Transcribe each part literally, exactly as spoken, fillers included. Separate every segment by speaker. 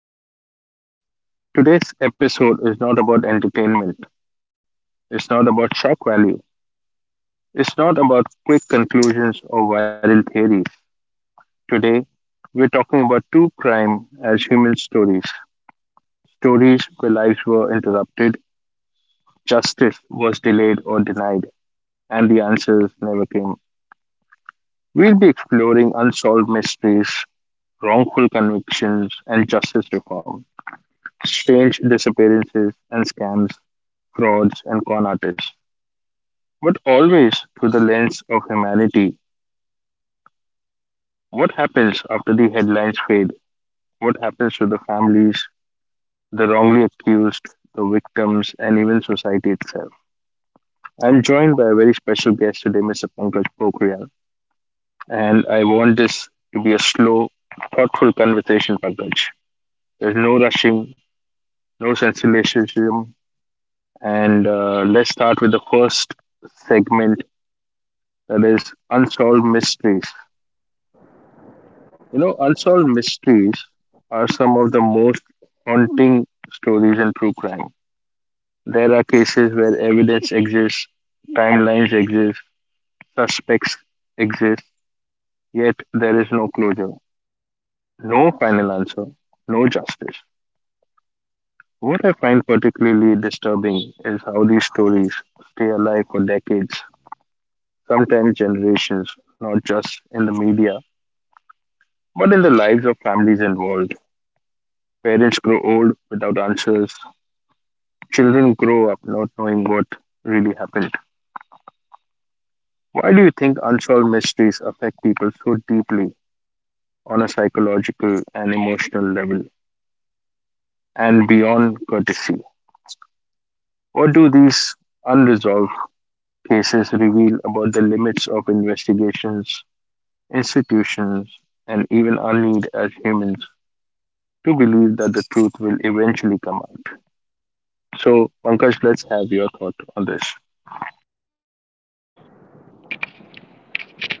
Speaker 1: back to the podcast. Today's episode is not about entertainment. It's not about shock value. It's not about quick conclusions or viral theories. Today, we're talking about true crime as human stories stories where lives were interrupted, justice was delayed or denied, and the answers never came. We'll be exploring unsolved mysteries, wrongful convictions, and justice reform strange disappearances and scams frauds, and con artists, but always through the lens of humanity. What happens after the headlines fade? What happens to the families, the wrongly accused, the victims, and even society itself? I'm joined by a very special guest today, Mister Pankaj Pokriyal, and I want this to be a slow, thoughtful conversation, Pankaj. There's no rushing, no sensationalism, and uh, let's start with the first segment that is unsolved mysteries. You know, unsolved mysteries are some of the most haunting stories in true crime. There are cases where evidence exists, timelines exist, suspects exist, yet there is no closure, no final answer, no justice. What I find particularly disturbing is how these stories stay alive for decades, sometimes generations, not just in the media, but in the lives of families involved. Parents grow old without answers, children grow up not knowing what really happened. Why do you think unsolved mysteries affect people so deeply on a psychological and emotional level and beyond courtesy? What do these unresolved cases reveal about the limits of investigations, institutions, and even our need as humans to believe that the truth will eventually come out? So, Pankaj, let's have your thought on this.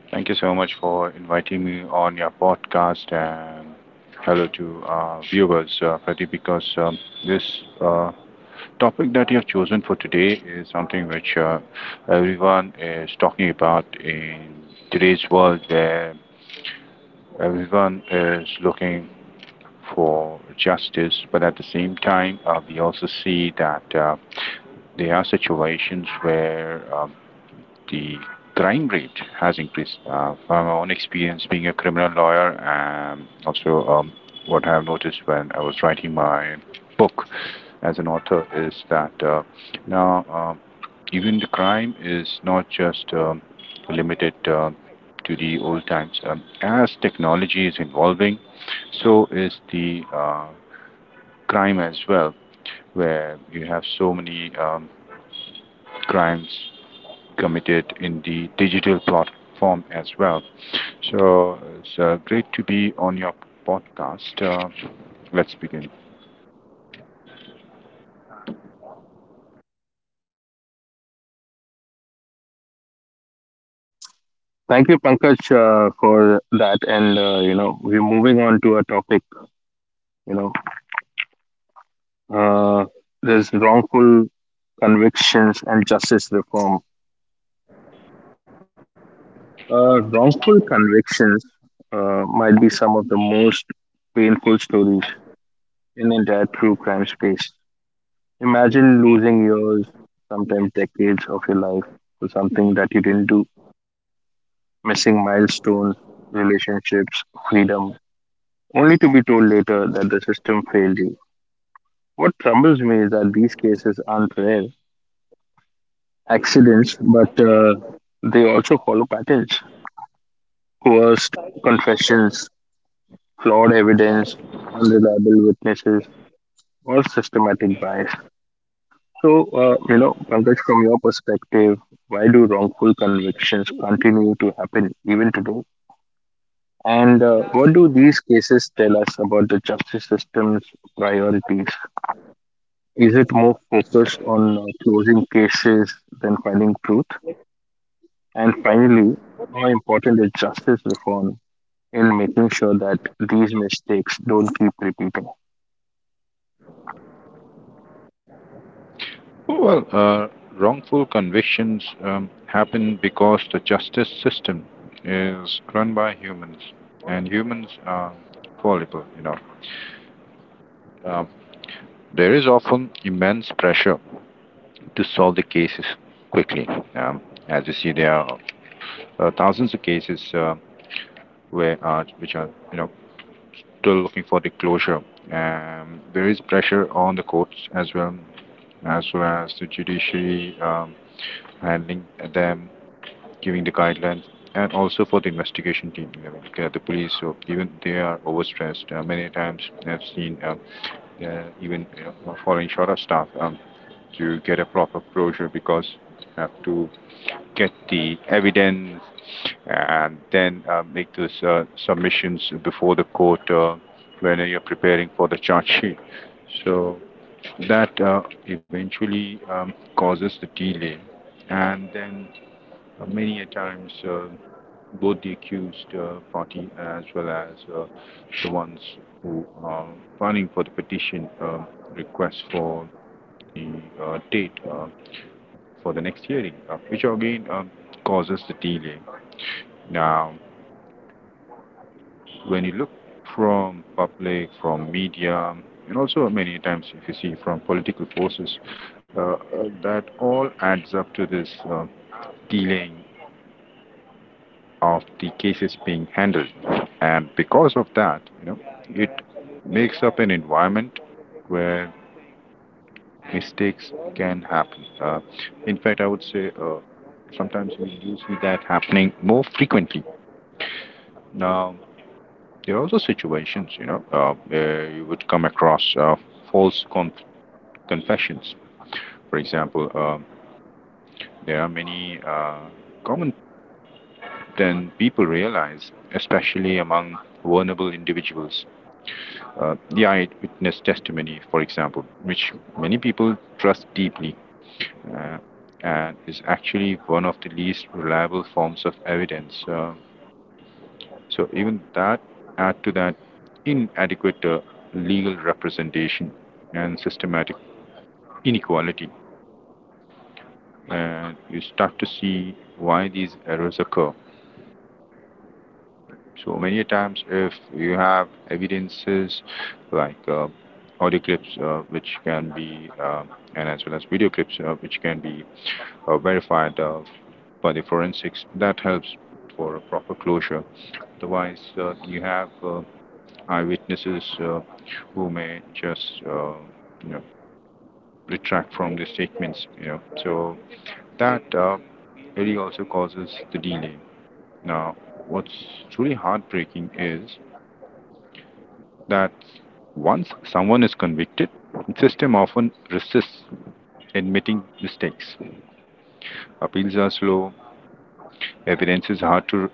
Speaker 2: Thank you so much for inviting me on your podcast and hello to our viewers, uh, Pradeep, because um, this uh, topic that you have chosen for today is something which uh, everyone is talking about in today's world where everyone is looking for justice, but at the same time, uh, we also see that uh, there are situations where um, the crime rate has increased. Uh, from my own experience being a criminal lawyer, and also um, what I have noticed when I was writing my book as an author is that uh, now uh, even the crime is not just um, limited uh, to the old times. Um, as technology is evolving, so is the uh, crime as well, where you have so many um, crimes committed in the digital platform as well. So it's uh, great to be on your podcast. Uh, let's begin.
Speaker 1: Thank you, Pankaj, uh, for that. And uh, you know, we're moving on to a topic. You know, uh, there's wrongful convictions and justice reform. Uh, wrongful convictions uh, might be some of the most painful stories in the entire true crime space. Imagine losing years, sometimes decades of your life for something that you didn't do, missing milestones, relationships, freedom, only to be told later that the system failed you. What troubles me is that these cases aren't rare accidents, but uh, they also follow patterns coerced confessions, flawed evidence, unreliable witnesses, or systematic bias. So, uh, you know, Pankaj, from your perspective, why do wrongful convictions continue to happen even today? And uh, what do these cases tell us about the justice system's priorities? Is it more focused on uh, closing cases than finding truth? And finally, how important is justice reform in making sure that these mistakes don't keep repeating?
Speaker 2: Well, uh, Wrongful convictions um, happen because the justice system is run by humans, and humans are fallible, you know. Um, there is often immense pressure to solve the cases quickly. Um, as you see, there are uh, thousands of cases uh, where uh, which are you know still looking for the closure. Um, there is pressure on the courts as well, as well as the judiciary um, handling them, giving the guidelines, and also for the investigation team, like, uh, the police. So even they are overstressed. Uh, many times I've seen um, uh, even you know, falling short of staff um, to get a proper closure because have to get the evidence and then uh, make those uh, submissions before the court uh, when you're preparing for the charge sheet. So that uh, eventually um, causes the delay, and then uh, many a times, uh, both the accused uh, party uh, as well as uh, the ones who are filing for the petition, uh, request for the uh, date uh, for the next hearing, uh, which again um, causes the delay. Now, when you look from public, from media, and also many times if you see from political forces, uh, uh, that all adds up to this uh, delaying of the cases being handled. And because of that, you know, it makes up an environment where mistakes can happen. Uh, in fact, I would say uh, sometimes we do see that happening more frequently. Now, there are also situations, you know, uh, where you would come across uh, false conf- confessions. For example, um there are many uh, common than people realize, especially among vulnerable individuals. Uh, the eyewitness testimony, for example, which many people trust deeply, uh, and is actually one of the least reliable forms of evidence. Uh, so even that add to that inadequate uh, legal representation and systematic inequality, and you start to see why these errors occur. So many a times, if you have evidences like uh, audio clips, uh, which can be, uh, and as well as video clips, uh, which can be uh, verified uh, by the forensics, that helps for a proper closure. Otherwise, uh, you have uh, eyewitnesses uh, who may just, uh, you know, retract from the statements. You know, so that uh, really also causes the delay. Now, what's truly heartbreaking is that once someone is convicted, the system often resists admitting mistakes. Appeals are slow, evidence is hard to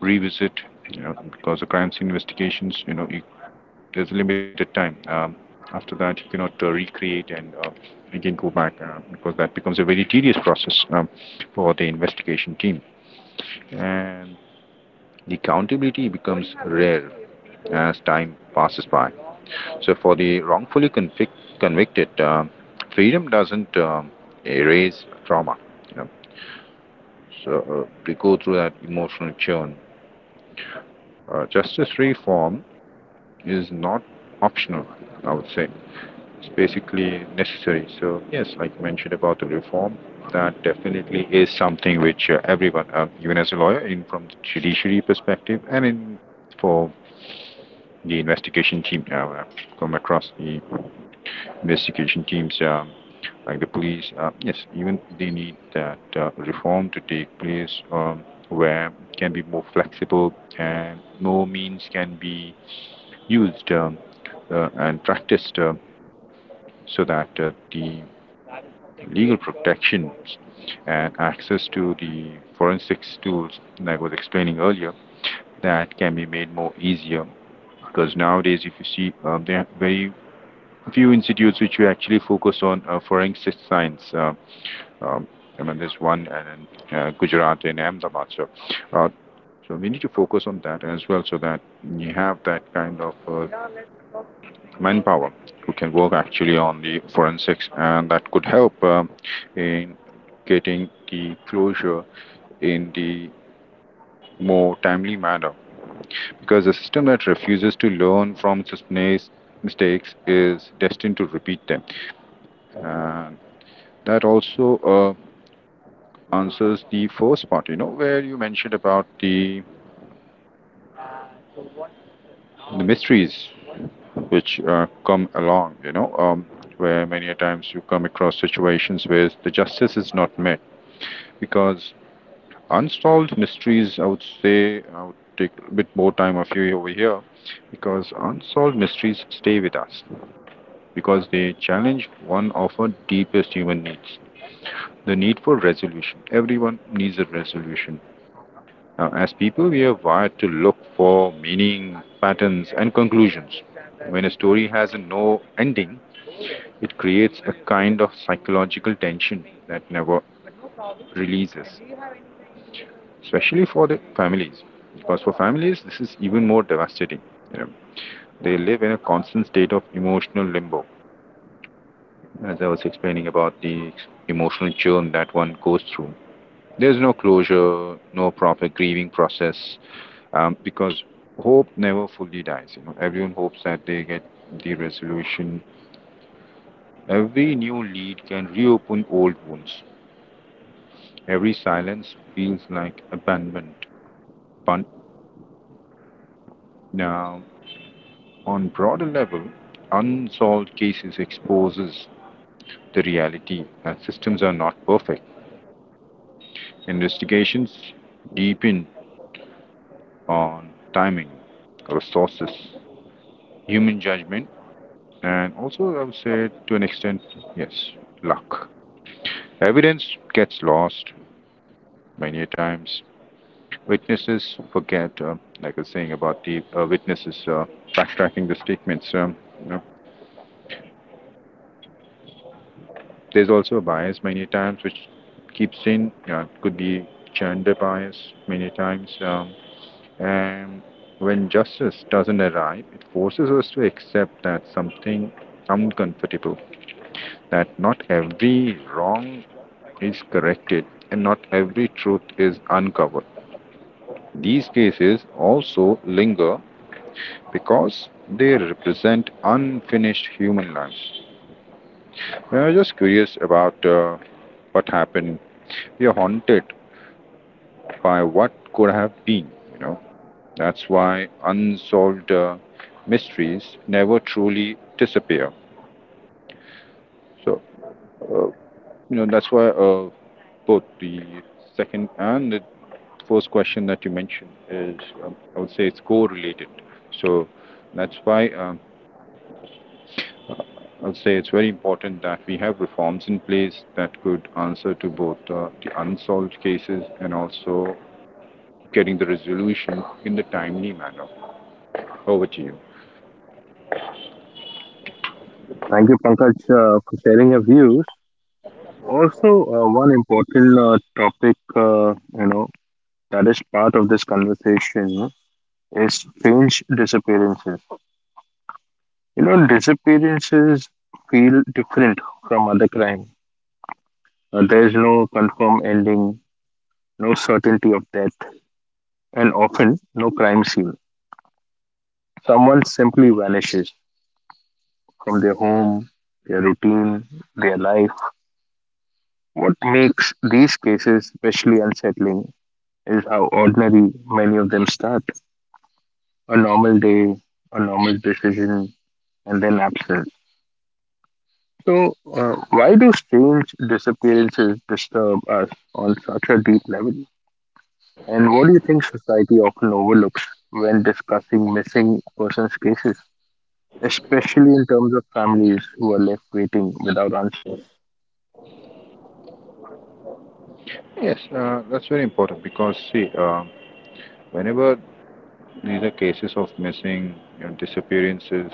Speaker 2: revisit, you know, because the crime scene investigations, you know, you, there's limited time. Um, after that, you cannot uh, recreate and uh, again go back uh, because that becomes a very tedious process um, for the investigation team. And the accountability becomes rare as time passes by. So for the wrongfully convic- convicted, uh, freedom doesn't um erase trauma. You know, so uh, they go through that emotional churn. Uh, justice reform is not optional. I would say it's basically necessary. So yes, like I mentioned about the reform, that definitely is something which uh, everyone, uh, even as a lawyer, in from the judiciary perspective, and in for the investigation team, uh, come across the investigation teams, um, like the police, uh, yes, even they need that uh, reform to take place um, where it can be more flexible and more means can be used um, uh, and practiced uh, so that uh, the legal protections and access to the forensics tools, like I was explaining earlier, that can be made more easier because nowadays if you see um, there are very few institutes which we actually focus on uh, forensic science. Uh, um, I mean, there's one in uh, Gujarat and Ahmedabad. So, uh, so we need to focus on that as well, so that you have that kind of uh, manpower who can work actually on the forensics, and that could help um, in getting the closure in the more timely manner. Because a system that refuses to learn from its mis- mistakes is destined to repeat them. And That also uh, answers the first part, you know, where you mentioned about the, the mysteries which uh, come along, you know, um, where many a times you come across situations where the justice is not met because unsolved mysteries, I would say, I would take a bit more time of you over here because unsolved mysteries stay with us because they challenge one of our deepest human needs, the need for resolution. Everyone needs a resolution. Now, as people, we are wired to look for meaning, patterns, and conclusions. When a story has a no ending, it creates a kind of psychological tension that never releases, especially for the families. Because for families, this is even more devastating. You know, they live in a constant state of emotional limbo, as I was explaining about the emotional churn that one goes through. There's no closure, no proper grieving process, um, because hope never fully dies. You know, everyone hopes that they get the resolution. Every new lead can reopen old wounds. Every silence feels like abandonment. But now, on broader level, unsolved cases exposes the reality that systems are not perfect. Investigations deepen on timing, resources, human judgment. And also, I would say to an extent, yes, luck. Evidence gets lost many times. Witnesses forget, uh, like I was saying about the uh, witnesses uh, backtracking the statements. Um, you know, there's also a bias many times which keeps in. Uh, could be gender bias many times. Um, and when justice doesn't arrive, it forces us to accept that something uncomfortable, that not every wrong is corrected and not every truth is uncovered. These cases also linger because they represent unfinished human lives. I was just curious about uh, what happened. We are haunted by what could have been, you know. That's why unsolved uh, mysteries never truly disappear. So, uh, you know, that's why uh, both the second and the first question that you mentioned is, um, I would say it's co-related. So that's why um, I would say it's very important that we have reforms in place that could answer to both uh, the unsolved cases and also getting the resolution in the timely manner. Over to you.
Speaker 1: Thank you, Pankaj, uh, for sharing your views. Also, uh, one important uh, topic, uh, you know, that is part of this conversation is strange disappearances. You know, disappearances feel different from other crime. Uh, there is no confirmed ending, no certainty of death, and often no crime scene. Someone simply vanishes from their home, their routine, their life. What makes these cases especially unsettling is how ordinary many of them start. A normal day, a normal decision, and then absence. So, uh, why do strange disappearances disturb us on such a deep level? And what do you think society often overlooks when discussing missing persons cases, especially in terms of families who are left waiting without answers?
Speaker 2: Yes, uh, that's very important because see, uh, whenever these are cases of missing, you know, disappearances,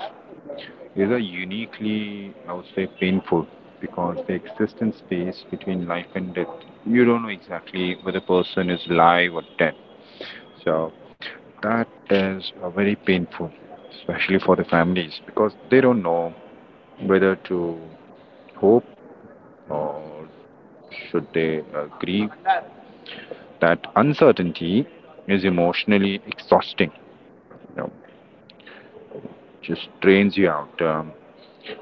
Speaker 2: these are uniquely, I would say, painful because the existence space between life and death, you don't know exactly whether the person is live or dead. So that is uh, very painful, especially for the families because they don't know whether to hope or should they uh, grieve. That uncertainty is emotionally exhausting. You know, just drains you out. Um,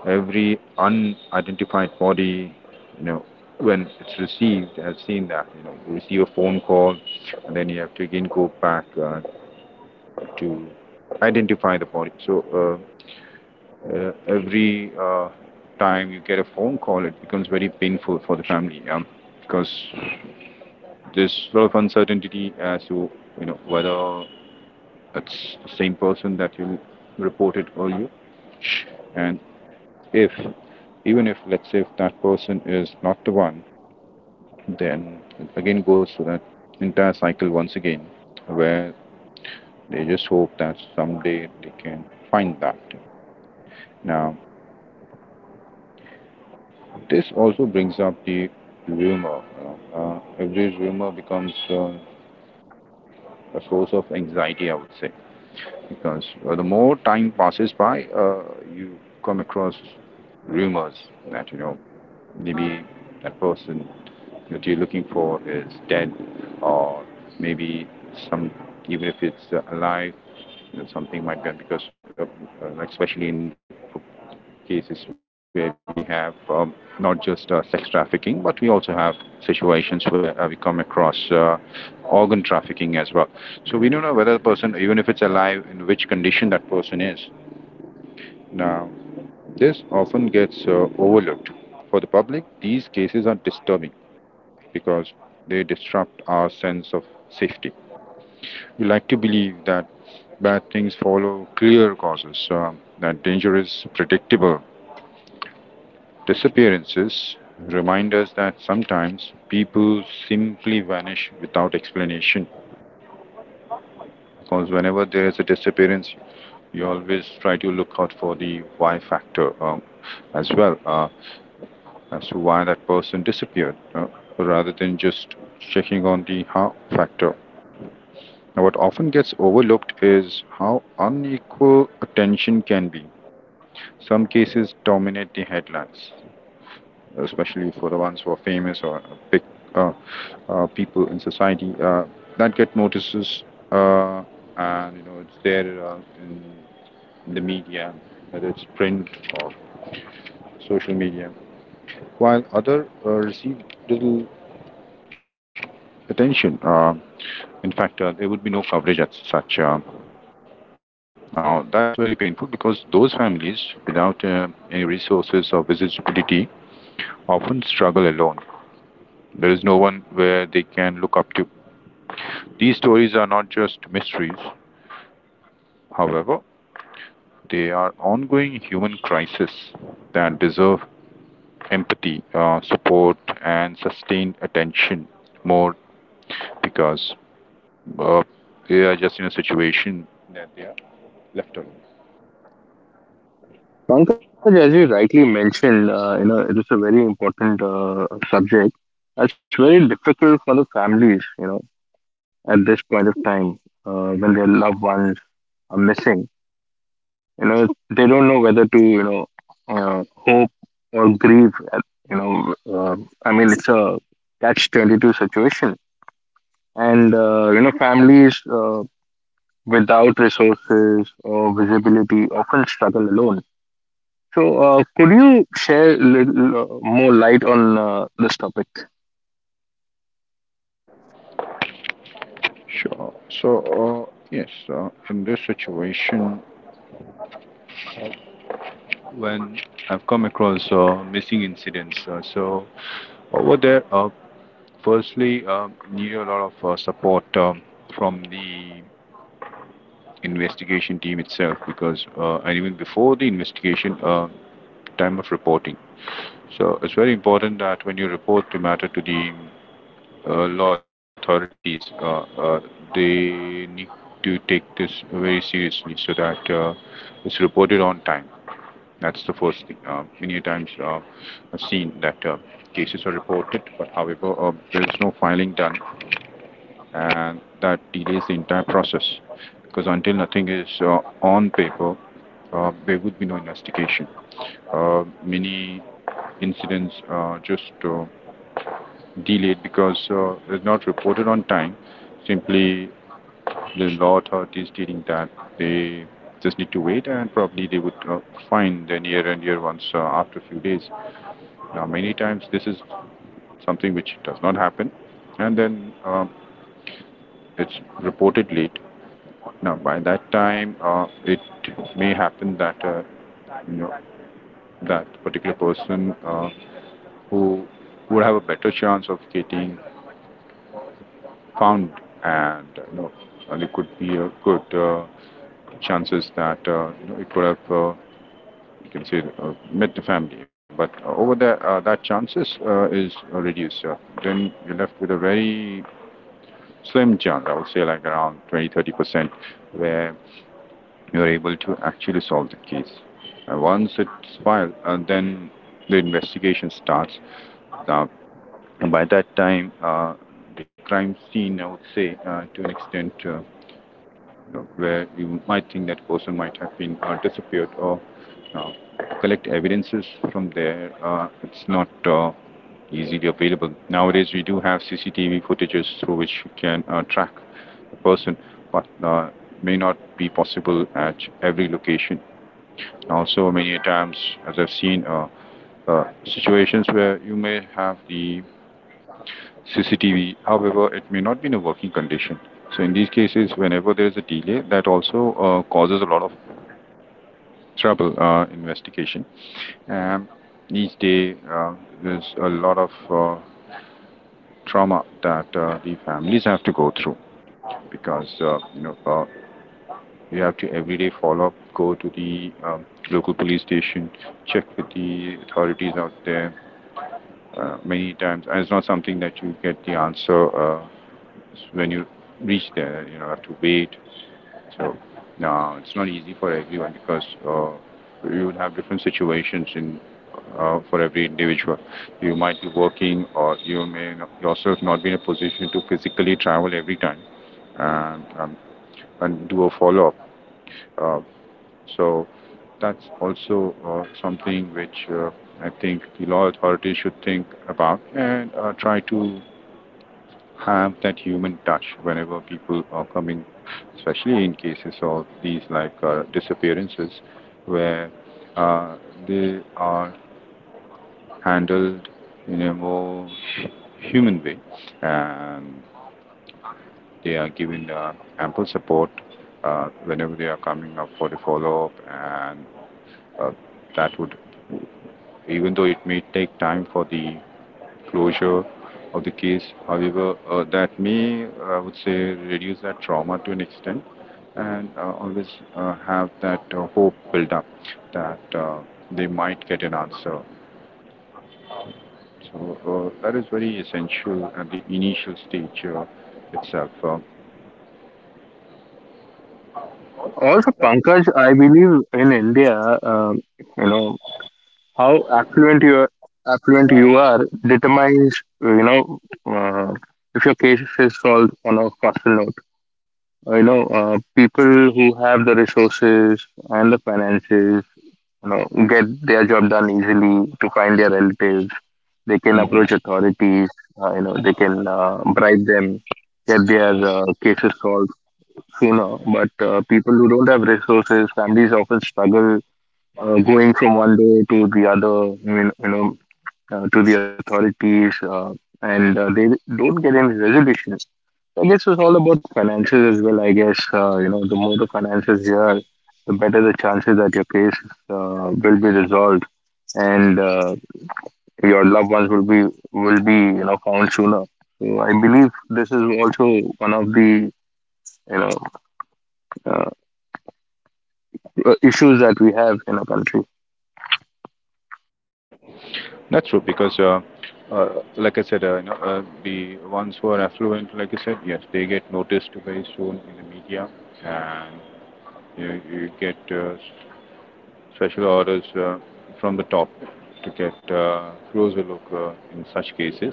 Speaker 2: Every unidentified body, you know, when it's received, I've seen that, you know, you receive a phone call and then you have to again go back uh, to identify the body. So uh, uh, every uh, time you get a phone call, it becomes very painful for the family um, because there's a lot of uncertainty as to, you know, whether that's the same person that you reported earlier. And if, even if, let's say, if that person is not the one, then it again goes through that entire cycle once again, where they just hope that someday they can find that. Now, this also brings up the rumor. Uh, every rumor becomes uh, a source of anxiety, I would say. Because uh, the more time passes by, uh, you come across rumors that you know maybe that person that you're looking for is dead, or maybe some, even if it's uh, alive, you know, something might be because uh, uh, like especially in the cases where we have um, not just uh, sex trafficking, but we also have situations where uh, we come across uh, organ trafficking as well. So we don't know whether the person, even if it's alive, in which condition that person is. Now, this often gets uh, overlooked. For the public, these cases are disturbing because they disrupt our sense of safety. We like to believe that bad things follow clear causes, uh, that danger is predictable. Disappearances remind us that sometimes people simply vanish without explanation because whenever there is a disappearance, you always try to look out for the why factor um, as well. Uh, as to why that person disappeared uh, rather than just checking on the how factor. Now, what often gets overlooked is how unequal attention can be. Some cases dominate the headlines, especially for the ones who are famous or big uh, uh, people in society uh, that get notices, uh, and you know it's there uh, in, in the media, whether it's print or social media, while other uh, receive little attention. Uh, in fact, uh, there would be no coverage as such. Uh, now, that's very painful because those families without uh, any resources or visibility often struggle alone. There is no one where they can look up to. These stories are not just mysteries, however, they are ongoing human crises that deserve empathy, uh, support, and sustained attention more because uh, they are just in a situation that they are left alone.
Speaker 1: Pankaj, as you rightly mentioned, uh, you know, it is a very important uh, subject. It's very difficult for the families, you know, at this point of time uh, when their loved ones are missing. You know, they don't know whether to, you know, uh, hope or grieve. At, you know, uh, I mean, it's a catch twenty-two situation. And, uh, you know, families uh, without resources or visibility often struggle alone. So, uh, could you share a little uh, more light on uh, this topic?
Speaker 2: Sure. So, uh, yes, uh, in this situation, when I've come across uh, missing incidents, uh, so over there, uh, firstly, uh, need a lot of uh, support um, from the investigation team itself because, uh, and even before the investigation, uh, time of reporting. So, it's very important that when you report the matter to the uh, law authorities uh, uh, they need to take this very seriously so that uh, it's reported on time. That's the first thing. Uh, many times uh, I've seen that uh, cases are reported, but however uh, there is no filing done, and that delays the entire process because until nothing is uh, on paper, uh, there would be no investigation. Uh, many incidents uh, just uh, delayed because uh, it's not reported on time. Simply, the law authorities stating that they just need to wait and probably they would uh, find the near and dear ones uh, after a few days. Now, many times this is something which does not happen and then um, it's reported late. Now, by that time, uh, it may happen that uh, you know that particular person uh, who would have a better chance of getting found, and you know, and it could be a good uh, chances that uh, you know, it could have, uh, you can say, uh, met the family. But over there, uh, that chances uh, is uh, reduced. Uh, then you're left with a very slim chance, I would say, like around twenty to thirty percent, where you're able to actually solve the case. And once it's filed, and then the investigation starts. Now, by that time, uh, the crime scene, I would say, uh, to an extent, uh, you know, where you might think that person might have been uh, disappeared or uh, collect evidences from there. Uh, it's not uh, easily available. Nowadays, we do have C C T V footages through which you can uh, track the person, but uh, may not be possible at every location. Also, many times, as I've seen, uh, uh, situations where you may have the C C T V. However, it may not be in a working condition. So in these cases, whenever there is a delay, that also uh, causes a lot of trouble uh, investigation. And each day, uh, there's a lot of uh, trauma that uh, the families have to go through because uh, you know uh, you have to every day follow up, go to the um, local police station, check with the authorities out there. Uh, many times, and it's not something that you get the answer uh, when you reach there, you know, have to wait. So now it's not easy for everyone because uh, you will have different situations in uh, for every individual. You might be working, or you may yourself not be in a position to physically travel every time and um, and do a follow up. Uh, so that's also uh, something which uh, I think the law authorities should think about and uh, try to have that human touch whenever people are coming, especially in cases of these like uh, disappearances where uh, they are handled in a more hu- human way and they are given uh, ample support uh, whenever they are coming up for the follow up and uh, that would even though it may take time for the closure of the case. However, uh, that may, I would say, reduce that trauma to an extent and uh, always uh, have that uh, hope build up that uh, they might get an answer. So uh, that is very essential at the initial stage uh, itself. Uh,
Speaker 1: Also, Pankaj, I believe in India, um, you know, how affluent you are, affluent you are determines, you know, uh, if your case is solved on a faster note. You know, uh, people who have the resources and the finances you know, get their job done easily to find their relatives. They can approach
Speaker 2: Mhm.
Speaker 1: authorities. Uh, you know, they can uh, bribe them, get their uh, cases solved sooner. But uh, people who don't have resources, families often struggle uh, going from one day to the other. You know, you know, uh, to the authorities, uh, and uh, they don't get any resolution. So I guess it's all about finances as well. I guess uh, you know the more the finances you are, the better the chances that your case uh, will be resolved, and uh, your loved ones will be will be you know found sooner. So I believe this is also one of the you know uh, issues that we have in our country.
Speaker 2: That's true because, uh, uh, like I said, uh, you know, uh, the ones who are affluent, like I said, yes, they get noticed very soon in the media, and you, you get uh, special orders uh, from the top to get uh, closer look uh, in such cases,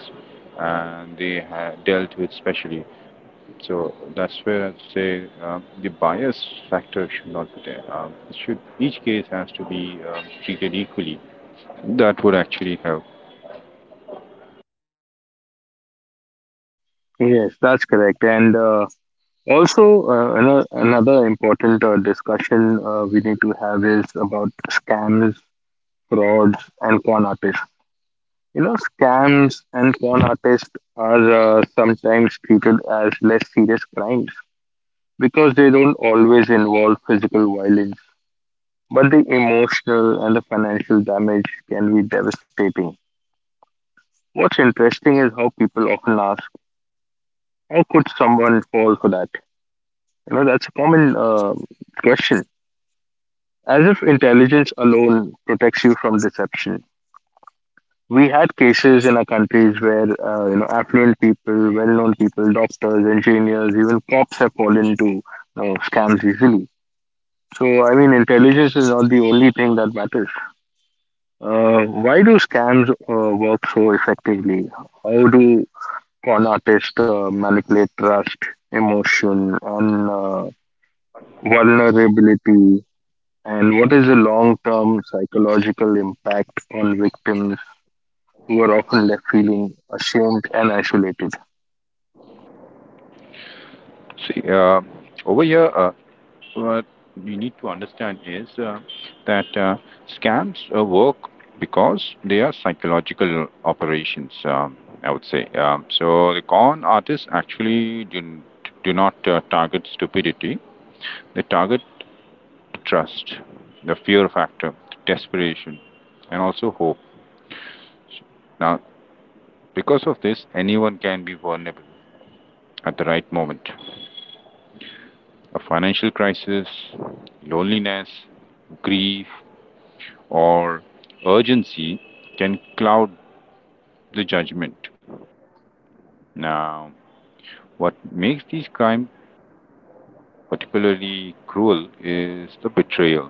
Speaker 2: and they ha- dealt with specially. So that's where I'd say um, the bias factor should not be there. Um, it should each case has to be um, treated equally. That would actually help.
Speaker 1: Yes, that's correct. And uh, also, uh, ano- another important uh, discussion uh, we need to have is about scams, frauds, and con artists. You know, scams and con artists are uh, sometimes treated as less serious crimes because they don't always involve physical violence, but the emotional and the financial damage can be devastating. What's interesting is how people often ask, how could someone fall for that? You know, that's a common uh, question. As if intelligence alone protects you from deception. We had cases in our countries where uh, you know affluent people, well-known people, doctors, engineers, even cops have fallen into you know, scams easily. So I mean, intelligence is not the only thing that matters. Uh, why do scams uh, work so effectively? How do con artists uh, manipulate trust, emotion, and uh, vulnerability? And what is the long term psychological impact on victims who are often left feeling ashamed and isolated?
Speaker 2: See, um over here, uh, what you need to understand is uh, that uh, scams uh, work because they are psychological operations, um, I would say. Um, so the con artists actually do, do not uh, target stupidity, they target trust, the fear factor, desperation, and also hope. Now, because of this, anyone can be vulnerable at the right moment. A financial crisis, loneliness, grief or urgency can cloud the judgment. Now, what makes these crimes particularly cruel is the betrayal.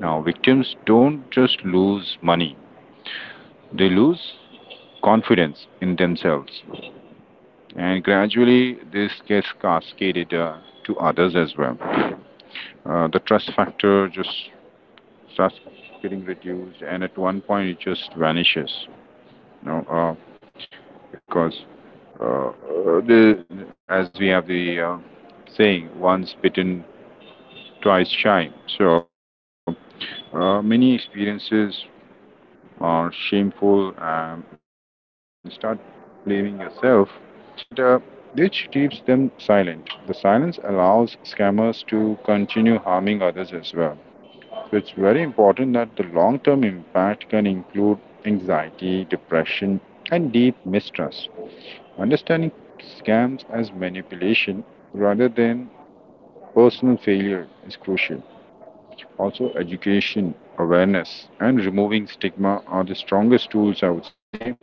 Speaker 2: Now, victims don't just lose money, they lose confidence in themselves, and gradually this gets cascaded uh, to others as well. Uh, the trust factor just starts getting reduced, and at one point it just vanishes. You know, uh, because Uh, the, as we have the uh, saying, once bitten, twice shy. So uh, many experiences are shameful and you start blaming yourself, and uh, which keeps them silent. The silence allows scammers to continue harming others as well. So it's very important that the long term impact can include anxiety, depression, and deep mistrust. Understanding scams as manipulation rather than personal failure is crucial. Also, education, awareness, and removing stigma are the strongest tools I would say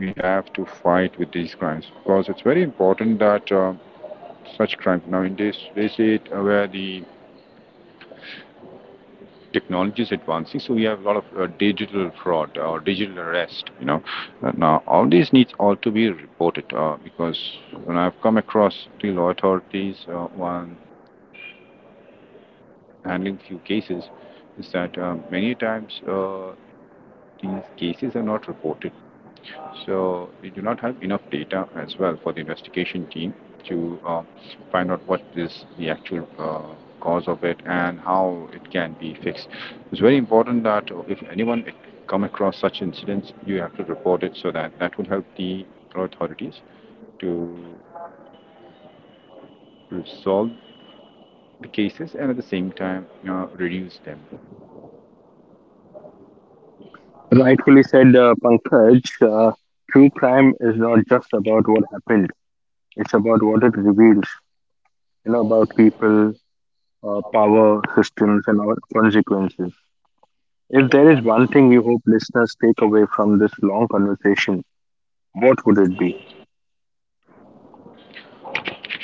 Speaker 2: we have to fight with these crimes because it's very important that uh, such crimes now in this this uh, where the technology is advancing, so we have a lot of uh, digital fraud or digital arrest. You know, Uh, now all these needs all to be reported uh, because when I've come across the law authorities, uh, one handling few cases is that um, many times uh, these cases are not reported. So they do not have enough data as well for the investigation team to uh, find out what is the actual uh, cause of it and how it can be fixed. It's very important that uh, if anyone come across such incidents, you have to report it so that that will help the authorities to resolve the cases and at the same time uh, reduce them.
Speaker 1: Rightfully said, uh, Pankaj. Uh, true crime is not just about what happened, it's about what it reveals, you know, about people, uh, power, systems, and our consequences. If there is one thing you hope listeners take away from this long conversation, what would it be?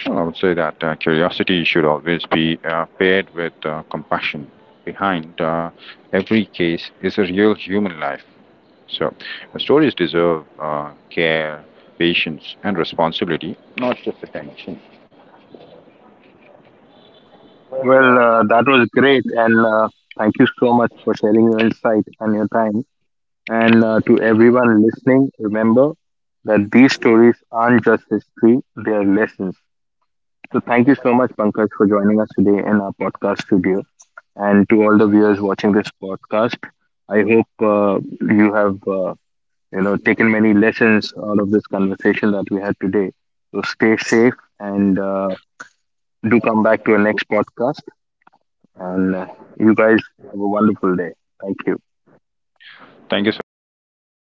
Speaker 2: Well, I would say that uh, curiosity should always be uh, paired with uh, compassion. Behind uh, every case is a real human life. So, uh, stories deserve uh, care, patience, and responsibility, not just attention.
Speaker 1: Well, uh, that was great, and uh, thank you so much for sharing your insight and your time. And uh, to everyone listening, remember that these stories aren't just history, they are lessons. So thank you so much, Pankaj, for joining us today in our podcast studio. And to all the viewers watching this podcast, I hope uh, you have uh, you know taken many lessons out of this conversation that we had today. So stay safe and uh, do come back to our next podcast. And uh, you guys have a wonderful day. Thank you.
Speaker 2: Thank you so much, Pradeep, for